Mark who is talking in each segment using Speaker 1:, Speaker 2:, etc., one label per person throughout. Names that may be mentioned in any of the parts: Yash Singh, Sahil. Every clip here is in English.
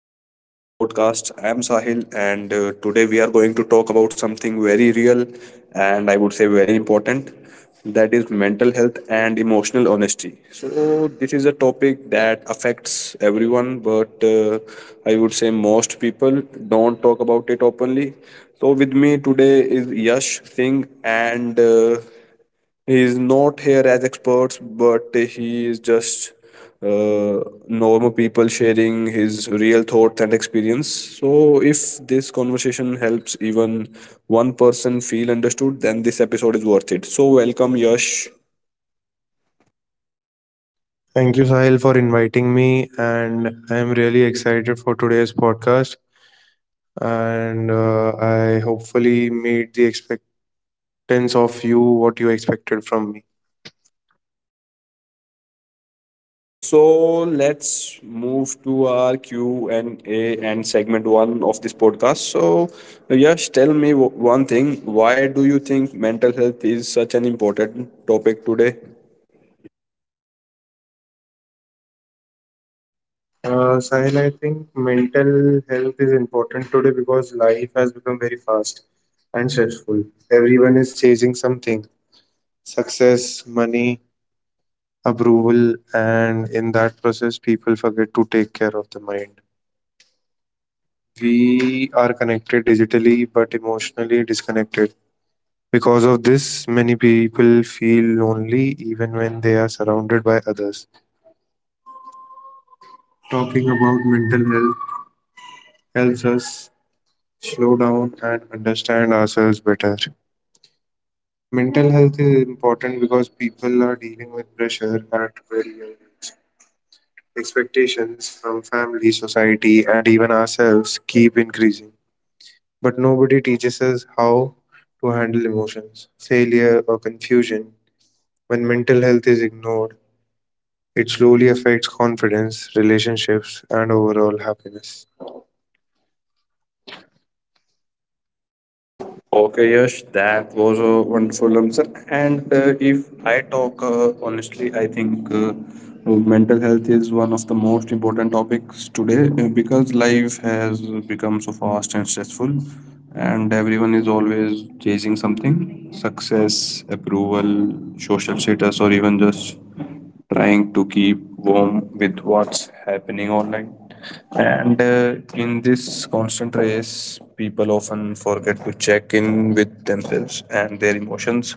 Speaker 1: back to the podcast. I am Sahil, and today we are going to talk about something very real and I would say very important that is mental health and emotional honesty. So, this is a topic that affects everyone, but I would say most people don't talk about it openly. So, with me today is Yash Singh, and he is not here as experts, but he is just uh, normal people sharing his real thoughts and experience. So, if this conversation helps even one person feel understood, then this episode is worth it. So, welcome, Yash.
Speaker 2: Thank you, Sahil, for inviting me, and I am really excited for today's podcast. And I hopefully meet the expectance of you, what you expected from me.
Speaker 1: So let's move to our Q and A and segment one of this podcast. So, Yash, tell me one thing. Why do you think mental health is such an important topic today?
Speaker 2: Sahil, I think mental health is important today because life has become very fast and stressful. Everyone is chasing something success, money, approval, and in that process, people forget to take care of the mind. We are connected digitally but emotionally disconnected. Because of this, many people feel lonely even when they are surrounded by others. Talking about mental health helps us slow down and understand ourselves better. Mental health is important because people are dealing with pressure at very young age. Expectations from family, society, and even ourselves keep increasing. But nobody teaches us how to handle emotions, failure, or confusion. When mental health is ignored, it slowly affects confidence, relationships, and overall happiness.
Speaker 1: Okay, Yash, that was a wonderful answer. And if I talk honestly, I think mental health is one of the most important topics today because life has become so fast and stressful, and everyone is always chasing something success, approval, social status, or even just trying to keep warm with what's happening online. And in this constant race, people often forget to check in with themselves and their emotions.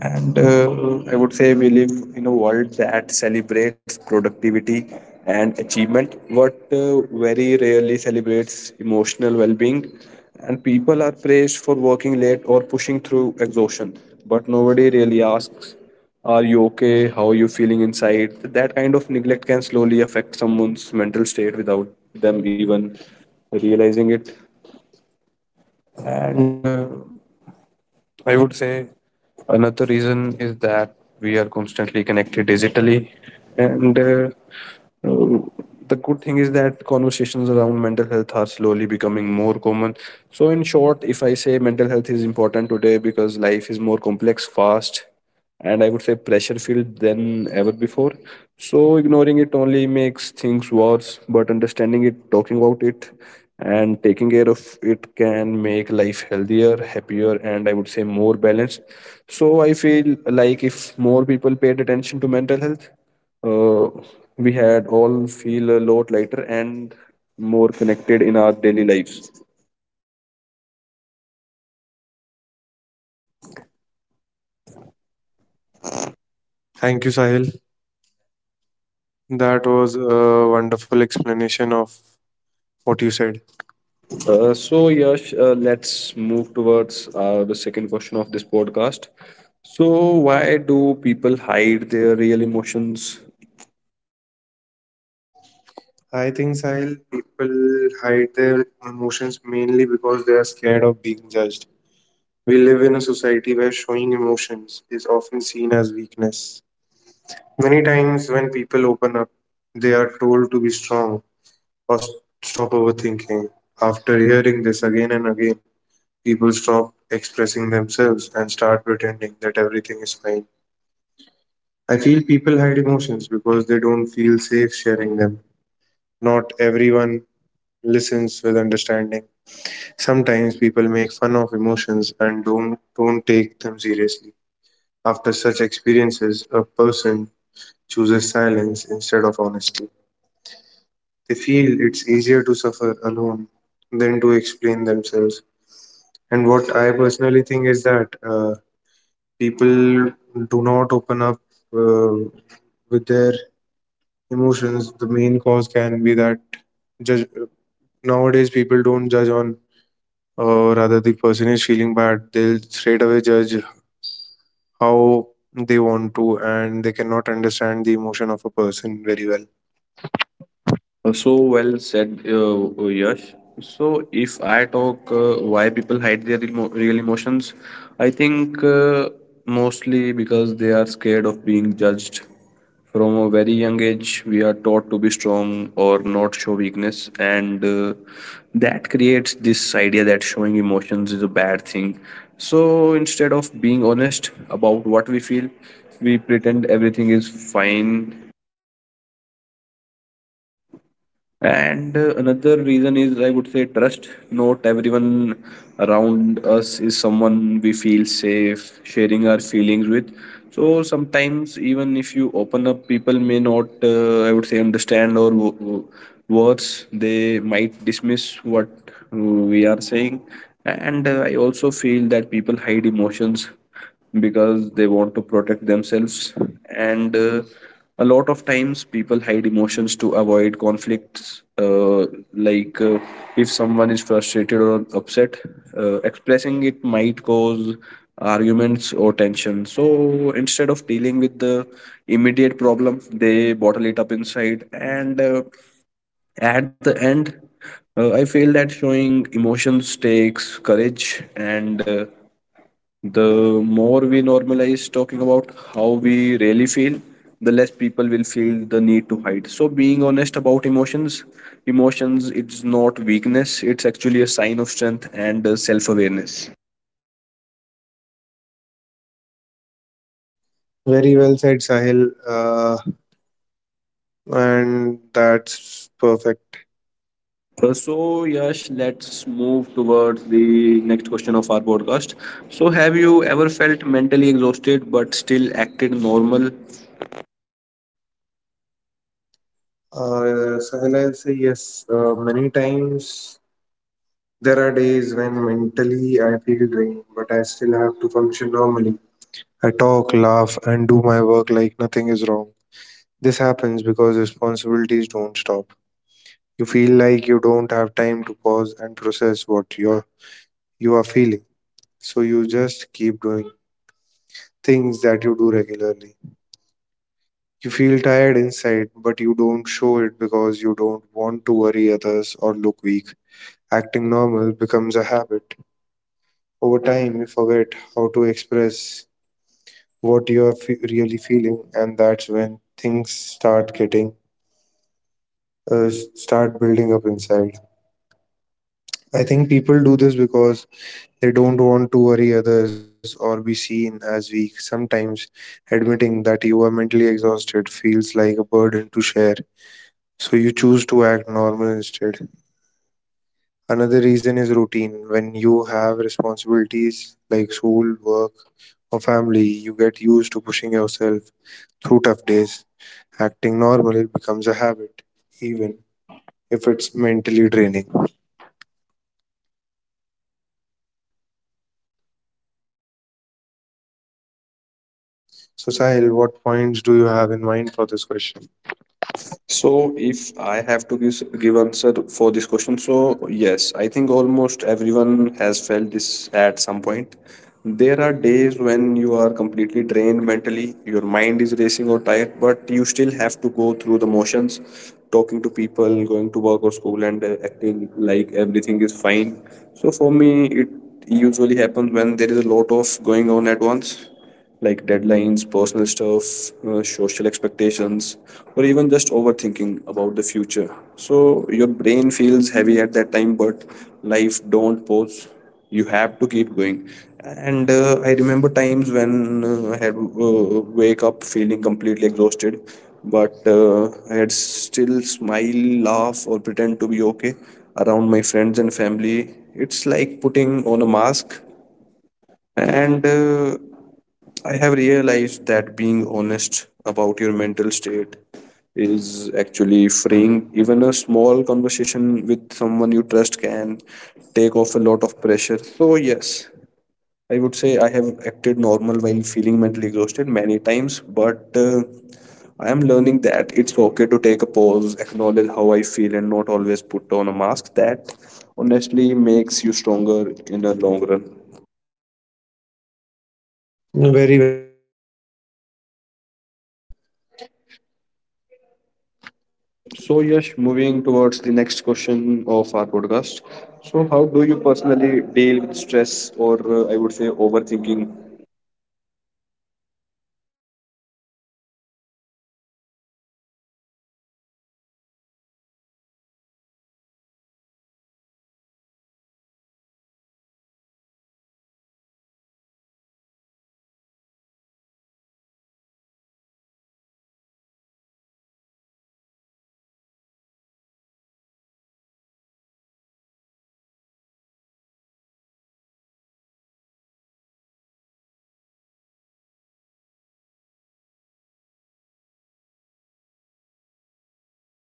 Speaker 1: And I would say we live in a world that celebrates productivity and achievement, but very rarely celebrates emotional well being. And people are praised for working late or pushing through exhaustion, but nobody really asks are you okay? How are you feeling inside? That kind of neglect can slowly affect someone's mental state without them even realizing it. And I would say another reason is that we are constantly connected digitally. And uh, the good thing is that conversations around mental health are slowly becoming more common. So, in short, if I say mental health is important today because life is more complex, fast, and I would say pressure filled than ever before. So, ignoring it only makes things worse, but understanding it, talking about it, and taking care of it can make life healthier, happier, and I would say more balanced. So, I feel like if more people paid attention to mental health, uh, we had all feel a lot lighter and more connected in our daily lives.
Speaker 2: Thank you, Sahil. That was a wonderful explanation of what you said.
Speaker 1: So, Yash, let's move towards the second question of this podcast. So, why do people hide their real emotions?
Speaker 2: I think, Sahil, people hide their emotions mainly because they are scared of being judged. We live in a society where showing emotions is often seen as weakness. Many times, when people open up, they are told to be strong or stop overthinking. After hearing this again and again, people stop expressing themselves and start pretending that everything is fine. I feel people hide emotions because they don't feel safe sharing them. Not everyone listens with understanding. Sometimes people make fun of emotions and don't take them seriously. After such experiences, a person chooses silence instead of honesty. They feel it's easier to suffer alone than to explain themselves. And what I personally think is that people do not open up, uh, with their emotions, the main cause can be that judge, nowadays people don't judge on, rather the person is feeling bad, they'll straight away judge how they want to, and they cannot understand the emotion of a person very well.
Speaker 1: So well said, Yash. So if I talk why people hide their real emotions, I think mostly because they are scared of being judged. From a very young age, we are taught to be strong or not show weakness, and that creates this idea that showing emotions is a bad thing. So instead of being honest about what we feel, we pretend everything is fine. And another reason is I would say trust. Not everyone around us is someone we feel safe sharing our feelings with. So sometimes, even if you open up, people may not, I would say, understand or worse, they might dismiss what we are saying. And I also feel that people hide emotions because they want to protect themselves and a lot of times people hide emotions to avoid conflicts like if someone is frustrated or upset expressing it might cause arguments or tension, so instead of dealing with the immediate problem they bottle it up inside. And at the end I feel that showing emotions takes courage, and the more we normalize talking about how we really feel, the less people will feel the need to hide. So being honest about emotions, it's not weakness, it's actually a sign of strength and self-awareness.
Speaker 2: Very well said, Sahil. uh, and that's perfect.
Speaker 1: So Yash, let's move towards the next question of our podcast. So have you ever felt mentally exhausted but still acted normal?
Speaker 2: uh, Sahil, I'll say yes, many times. There are days when mentally I feel drained, but I still have to function normally. I talk, laugh, and do my work like nothing is wrong. This happens because responsibilities don't stop. You feel like you don't have time to pause and process you are feeling, so you just keep doing things that you do regularly. You feel tired inside, but you don't show it because you don't want to worry others or look weak. Acting normal becomes a habit. Over time, you forget how to express what you are really feeling, and that's when things start getting, start building up inside. I think people do this because they don't want to worry others or be seen as weak. Sometimes admitting that you are mentally exhausted feels like a burden to share, so you choose to act normal instead. Another reason is routine. When you have responsibilities like school, work, or family, you get used to pushing yourself through tough days. Acting normal becomes a habit, even if it's mentally draining. So, Sahil, what points do you have in mind for this question?
Speaker 1: So, if I have to give answer for this question, so yes, I think almost everyone has felt this at some point. There are days when you are completely drained mentally, your mind is racing or tired, but you still have to go through the motions, talking to people, going to work or school, and acting like everything is fine. So for me, it usually happens when there is a lot of going on at once like deadlines, personal stuff, social expectations, or even just overthinking about the future. So your brain feels heavy at that time, but life don't pause. You have to keep going. And I remember times when I had wake up feeling completely exhausted, but I had still smile, laugh, or pretend to be okay around my friends and family. It's like putting on a mask, and I have realized that being honest about your mental state is actually freeing. Even a small conversation with someone you trust can take off a lot of pressure. So, yes, I would say I have acted normal while feeling mentally exhausted many times, but I am learning that it's okay to take a pause, acknowledge how I feel, and not always put on a mask. That honestly makes you stronger in the long run.
Speaker 2: Very well said, Sahil.
Speaker 1: So Yash, moving towards the next question of our podcast. So, how do you personally deal with stress, or I would say overthinking?
Speaker 2: Sahil, I say that when I feel stressed or start overthinking, I try to slow myself down. I take some alone time, listen to music, or just sit quietly and understand what's bothering me. Talking to someone I trust also helps a lot. I've realized that keeping things inside only increases stress. Dealing with stress means accepting that not everything is in my control. I try to focus on what I can do in the present moment instead of worrying too much about the future.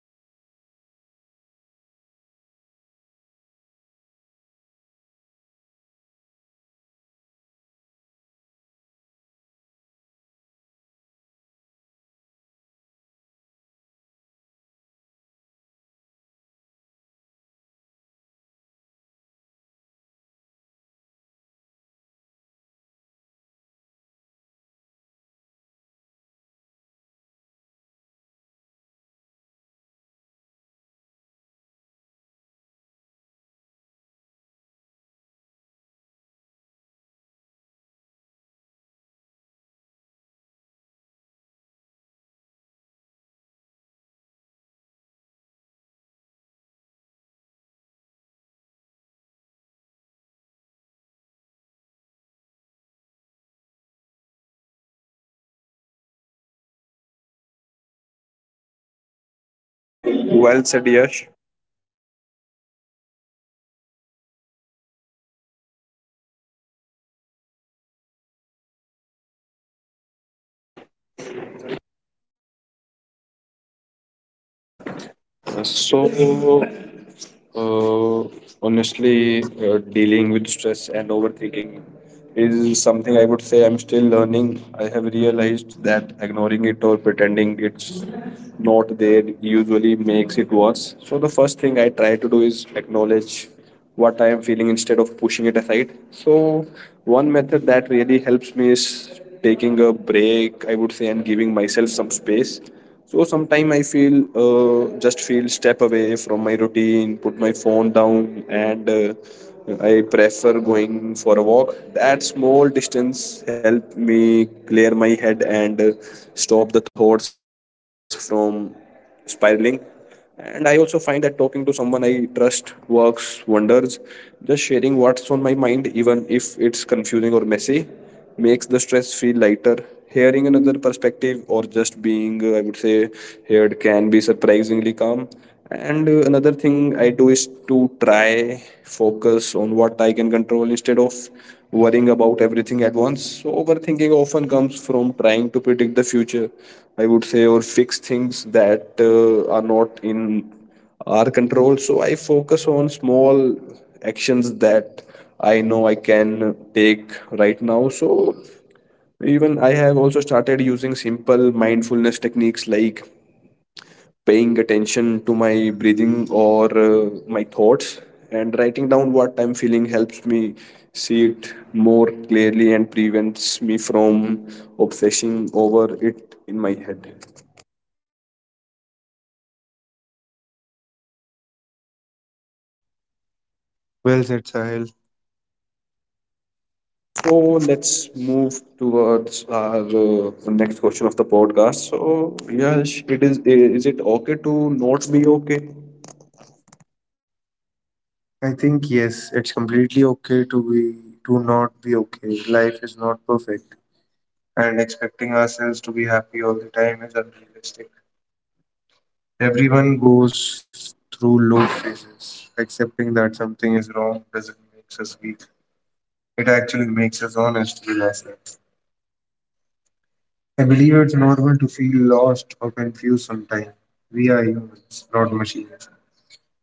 Speaker 2: Taking breaks, staying away from negativity, and reminding myself that this phase will pass helps me calm down. Another thing that helps is balance. Doing something I enjoy, listening to music, watching something light, or spending time with friend gives my mind a break. I've realized that self-care isn't selfish. It's necessary for staying sane, sane and confused. Overall, I deal with stress by combining awareness, action and self-compassion. I asked, I accept my feelings, talk to someone, focus on what I can control and take process and each and take care of myself. It's not perfect, but it's a process, and each step makes me feel a little stronger and calmer.
Speaker 1: Well said, Yash. So, uh, honestly, dealing with stress and overthinking is something I would say I'm still learning. I have realized that ignoring it or pretending it's not there usually makes it worse. So, the first thing I try to do is acknowledge what I am feeling instead of pushing it aside. So, one method that really helps me is taking a break, I would say, and giving myself some space. So, sometime I feel just feel step away from my routine, put my phone down, and I prefer going for a walk. That small distance help me clear my head and stop the thoughts from spiraling. And I also find that talking to someone I trust works wonders. Just sharing what's on my mind, even if it's confusing or messy, makes the stress feel lighter. Hearing another perspective or just being I would say heard can be surprisingly calm. And another thing I do is to try focus on what I can control instead of worrying about everything at once. So overthinking often comes from trying to predict the future, I would say, or fix things that are not in our control. So I focus on small actions that I know I can take right now. So even I have also started using simple mindfulness techniques like paying attention to my breathing or my thoughts, and writing down what I'm feeling helps me see it more clearly and prevents me from obsessing over it in my head.
Speaker 2: Well said, Sahil.
Speaker 1: So let's move towards our next question of the podcast. So, yes it is it okay to not be okay?
Speaker 2: I think yes, it's completely okay to be to not be okay. Life is not perfect, and expecting ourselves to be happy all the time is unrealistic. Everyone goes through low phases. Accepting that something is wrong doesn't make us weak. It actually makes us honest with ourselves. I believe it's normal to feel lost or confused sometimes. We are humans, not machines.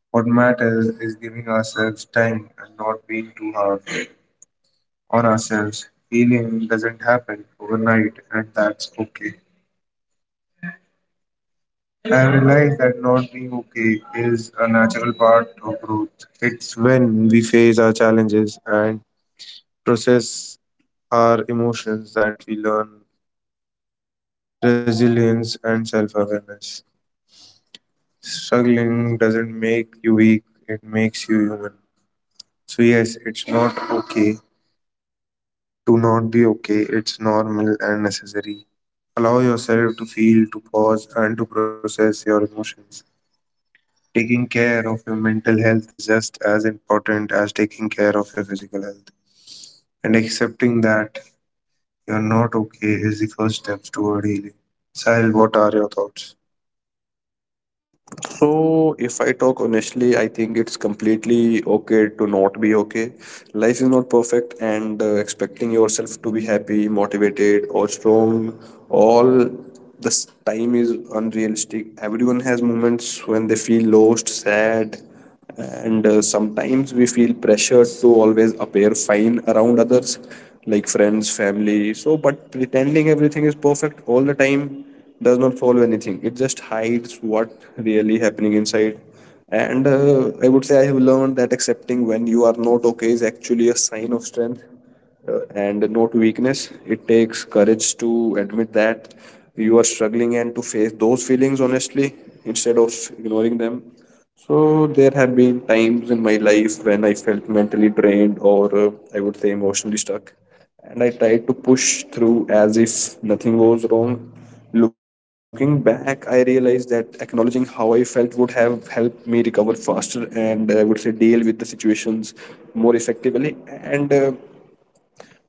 Speaker 2: What matters is giving ourselves time and not being too hard on ourselves. Healing doesn't happen overnight, and that's okay. I realize that not being okay is a natural part of growth. It's when we face our challenges and process our emotions that we learn resilience and self awareness. Struggling doesn't make you weak, it makes you human. So, yes, it's not okay to not be okay, it's normal and necessary. Allow yourself to feel, to pause, and to process your emotions. Taking care of your mental health is just as important as taking care of your physical health. And accepting that you're not okay is the first steps toward healing. Sahil, what are your thoughts?
Speaker 1: So, if I talk honestly, I think it's completely okay to not be okay. Life is not perfect, and expecting yourself to be happy, motivated, or strong all this time is unrealistic. Everyone has moments when they feel lost, sad, and sometimes we feel pressured to always appear fine around others like friends family. So but pretending everything is perfect all the time does not solve anything, it just hides what really happening inside. And I would say I have learned that accepting when you are not okay is actually a sign of strength and not weakness. It takes courage to admit that you are struggling and to face those feelings honestly instead of ignoring them. So there have been times in my life when I felt mentally drained or I would say emotionally stuck, and I tried to push through as if nothing was wrong. Looking back, I realized that acknowledging how I felt would have helped me recover faster and I would say deal with the situations more effectively. And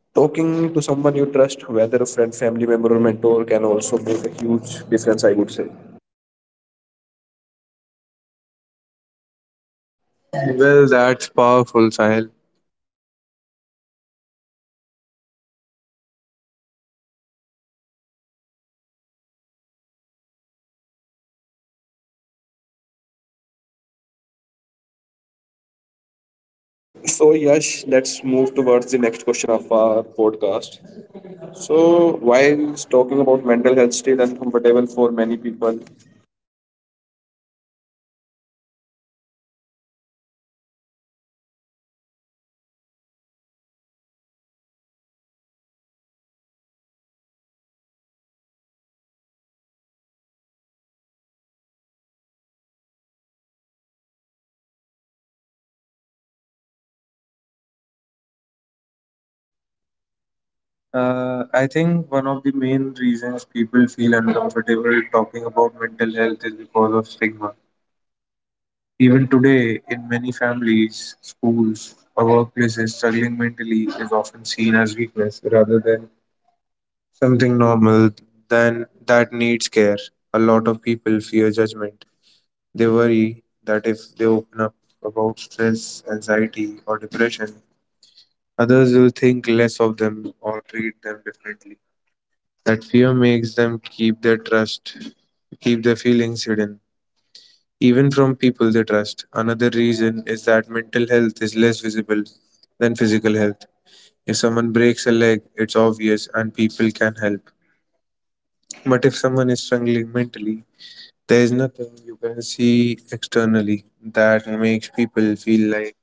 Speaker 1: talking to someone you trust, whether a friend, family member, or mentor, can also make a huge difference, I would say.
Speaker 2: Well, that's powerful, Sahil.
Speaker 1: So, Yash, let's move towards the next question of our podcast. So, while talking about mental health, still uncomfortable for many people.
Speaker 2: I think one of the main reasons people feel uncomfortable talking about mental health is because of stigma. Even today, in many families, schools, or workplaces, struggling mentally is often seen as weakness rather than something normal than that needs care. A lot of people fear judgment. They worry that if they open up about stress, anxiety, or depression, others will think less of them or treat them differently. That fear makes them keep their trust, keep their feelings hidden, even from people they trust. Another reason is that mental health is less visible than physical health. If someone breaks a leg, it's obvious and people can help. But if someone is struggling mentally, there is nothing you can see externally that makes people feel like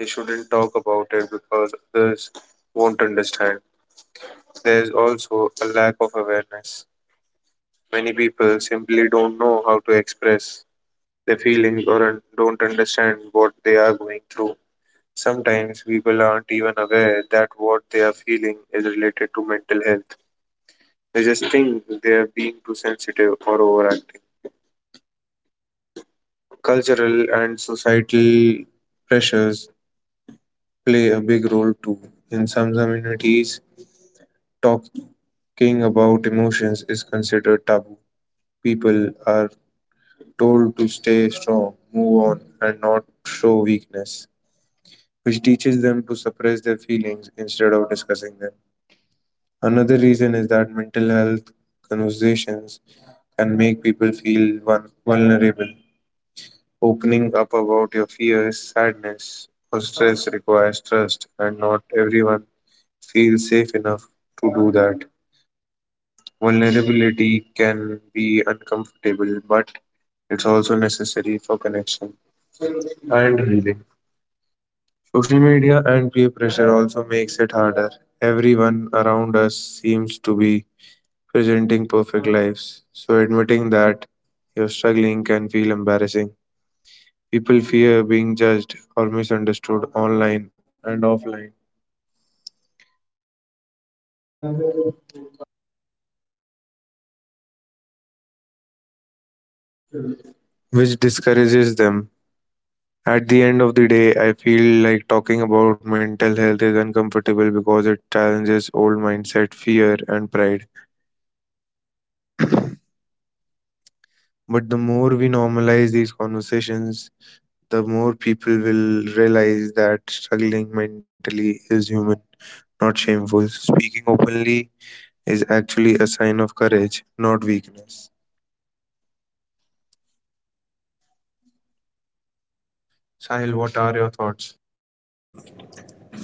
Speaker 2: they shouldn't talk about it because others won't understand. There is also a lack of awareness. Many people simply don't know how to express their feelings or don't understand what they are going through. Sometimes people aren't even aware that what they are feeling is related to mental health. They just think they are being too sensitive or overacting. Cultural and societal pressures play a big role too. In some communities, talking about emotions is considered taboo. People are told to stay strong, move on, and not show weakness, which teaches them to suppress their feelings instead of discussing them. Another reason is that mental health conversations can make people feel vulnerable. Opening up about your fears, sadness, or stress requires trust, and not everyone feels safe enough to do that. Vulnerability can be uncomfortable, but it's also necessary for connection and healing. Social media and peer pressure also makes it harder. Everyone around us seems to be presenting perfect lives, so admitting that you're struggling can feel embarrassing. People fear being judged or misunderstood online and offline, which discourages them. At the end of the day, I feel like talking about mental health is uncomfortable because it challenges old mindset, fear, and pride. But the more we normalize these conversations, the more people will realize that struggling mentally is human, not shameful. Speaking openly is actually a sign of courage, not weakness. Sahil, what are your thoughts?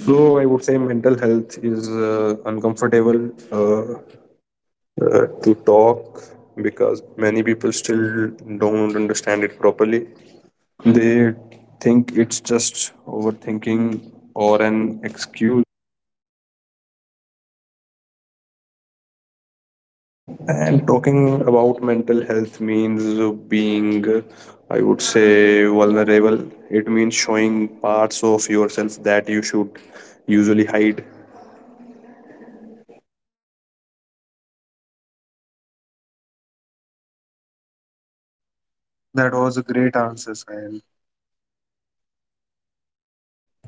Speaker 1: So, I would say mental health is uncomfortable to talk because many people still don't understand it properly. They think it's just overthinking or an excuse. And talking about mental health means being, I would say, vulnerable. It means showing parts of yourself that you should usually hide.
Speaker 2: That was a great answer, Sahil.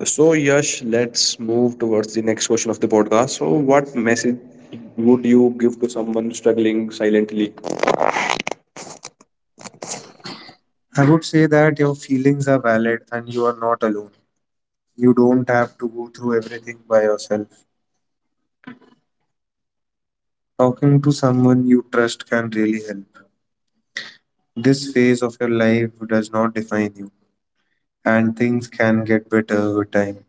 Speaker 1: So, Yash, let's move towards the next question of the podcast. So, what message would you give to someone struggling silently?
Speaker 2: I would say that your feelings are valid and you are not alone. You don't have to go through everything by yourself. Talking to someone you trust can really help. This phase of your life does not define you, and things can get better over time.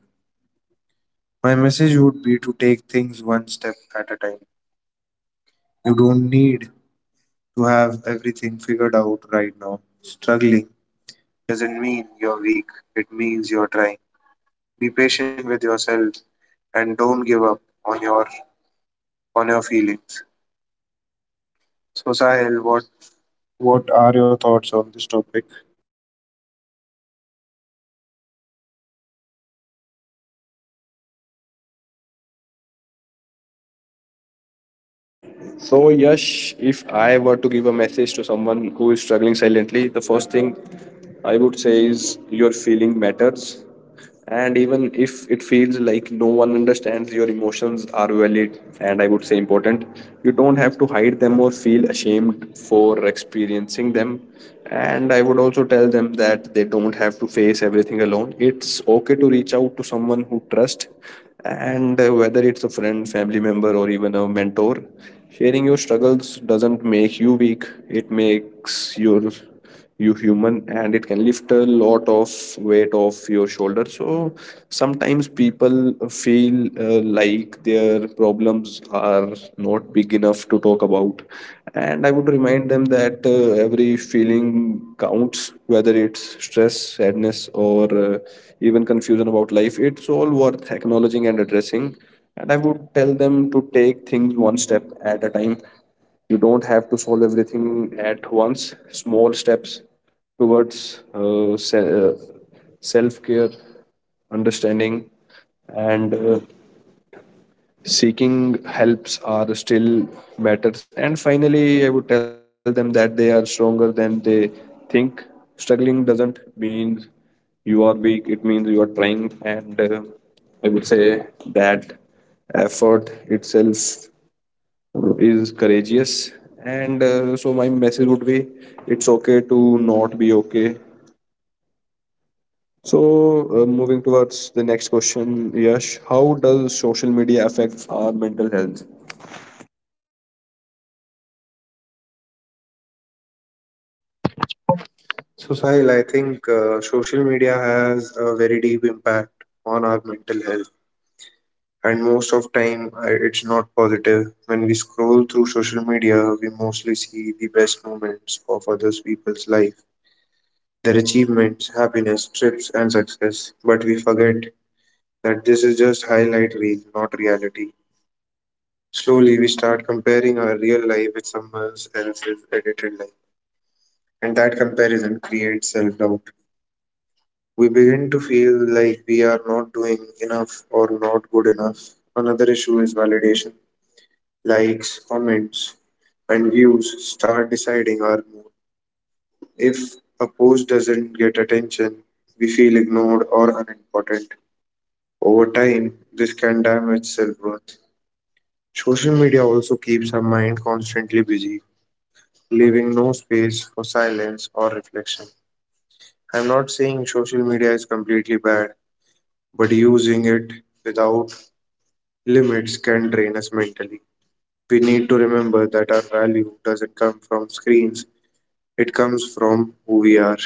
Speaker 2: My message would be to take things one step at a time. You don't need to have everything figured out right now. Struggling doesn't mean you're weak, it means you're trying. Be patient with yourself and don't give up on your on your feelings. So Sahil, what are your thoughts on this topic?
Speaker 1: So, Yash, if I were to give a message to someone who is struggling silently, the first thing I would say is your feeling matters. And even if it feels like no one understands, your emotions are valid and I would say important. You don't have to hide them or feel ashamed for experiencing them. And I would also tell them that they don't have to face everything alone. It's okay to reach out to someone who trusts, and whether it's a friend, family member, or even a mentor. Sharing your struggles doesn't make you weak, it makes you human, and it can lift a lot of weight off your shoulder. So sometimes people feel like their problems are not big enough to talk about. And I would remind them that every feeling counts, whether it's stress, sadness, or even confusion about life. It's all worth acknowledging and addressing, and I would tell them to take things one step at a time. You don't have to solve everything at once. Small steps towards uh, se- uh, self-care, understanding, and seeking helps are still matters. And finally, I would tell them that they are stronger than they think. Struggling doesn't mean you are weak, it means you are trying, and I would say that effort itself is courageous. And uh, so my message would be it's okay to not be okay. So moving towards the next question, Yash, how does social media affect our mental health?
Speaker 2: So Sahil, I think social media has a very deep impact on our mental health, and most of time it's not positive. When we scroll through social media, we mostly see the best moments of others people's life, their achievements, happiness, trips and success, but we forget that this is just highlight reel, not reality. Slowly we start comparing our real life with someone else's edited life, and that comparison creates self-doubt. We begin to feel like we are not doing enough or not good enough. Another issue is validation. Likes, comments, and views start deciding our mood. If a post doesn't get attention, we feel ignored or unimportant. Over time, this can damage self worth. Social media also keeps our mind constantly busy, leaving no space for silence or reflection. I'm not saying social media is completely bad, but using it without limits can drain us mentally. We need to remember that our value doesn't come from screens, it comes from who we are.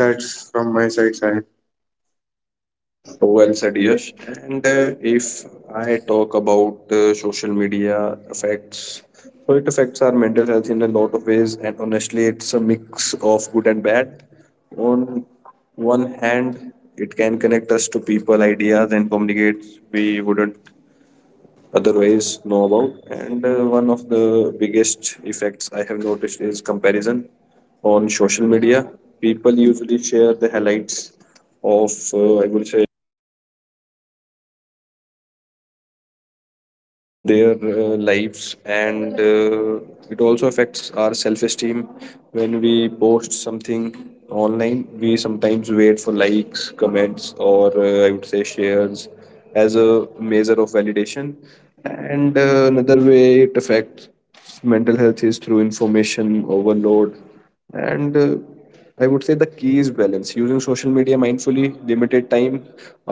Speaker 2: That's from my side, Sahil.
Speaker 1: So well
Speaker 2: Well said,
Speaker 1: said, Yash.
Speaker 2: yes.
Speaker 1: And if I talk about social media effects, so it affects our mental health in a lot of ways, and honestly, it's a mix of good and bad. On one hand, it can connect us to people, ideas, and communicate we wouldn't otherwise know about. And one of the biggest effects I have noticed is comparison on social media. People usually share the highlights of, I would say, their lives, and it also affects our self-esteem. When we post something online, we sometimes wait for likes, comments, or I would say shares as a measure of validation. And another way it affects mental health is through information overload. And uh, i would say the key is balance. Using social media mindfully, limited time,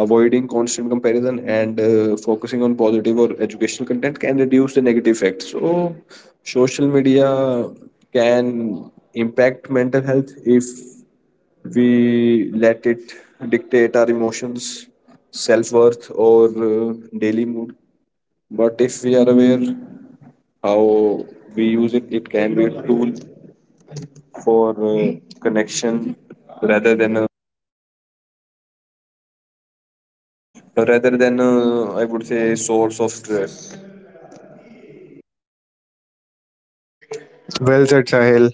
Speaker 1: avoiding constant comparison, and focusing on positive or educational content can reduce the negative effects. So social media can impact mental health if we let it dictate our emotions, self-worth, or uh, daily mood. But if we are aware how we use it, it can be a tool for connection, rather than a, rather than a, I would say, source of stress.
Speaker 2: Well said, Sahil.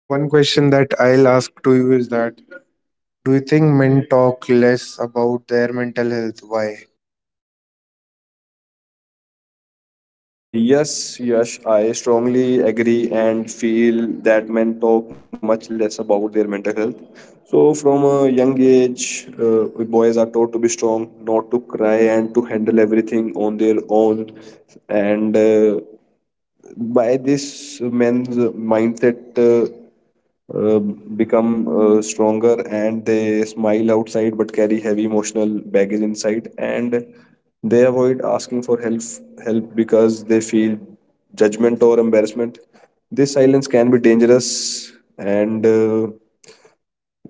Speaker 2: One question that I'll ask to you is that, do you think men talk less about their mental health? Why?
Speaker 1: Yes, yes, I strongly agree and feel that men talk much less about their mental health. So from a young age, boys are taught to be strong, not to cry, and to handle everything on their own. And by this, men's mindset uh, become stronger, and they smile outside but carry heavy emotional baggage inside, and they avoid asking for help help because they feel judgment or embarrassment. This silence can be dangerous. And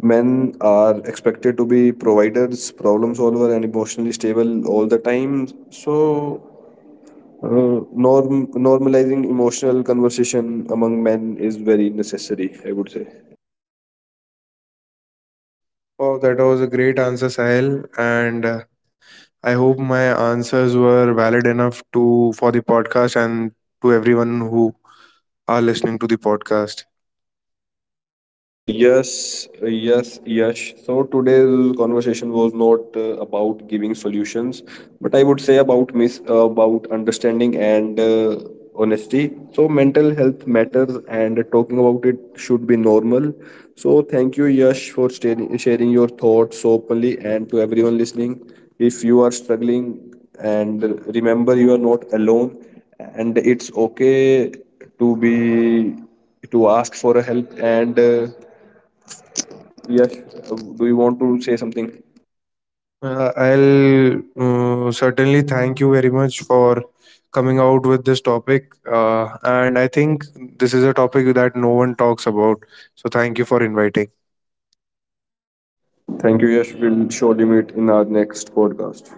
Speaker 1: men are expected to be providers, problem solver, and emotionally stable all the time. So uh, normalizing emotional conversation among men is very necessary, I would say.
Speaker 2: Oh, that was a great answer, Sahil. And I hope my answers were valid enough to for the podcast and to everyone who are listening to the podcast.
Speaker 1: Yes. So today's conversation was not about giving solutions, but I would say about mis about understanding and honesty. So mental health matters, and talking about it should be normal. So thank you, Yash, for sharing your thoughts so openly, and to everyone listening. If you are struggling, and remember, you are not alone, and it's okay to be to ask for a help. And Yash, do you want to say something?
Speaker 2: I'll certainly thank you very much for coming out with this topic. And I think this is a topic that no one talks about. So thank you for inviting.
Speaker 1: Thank you, Yash. We'll surely meet in our next podcast.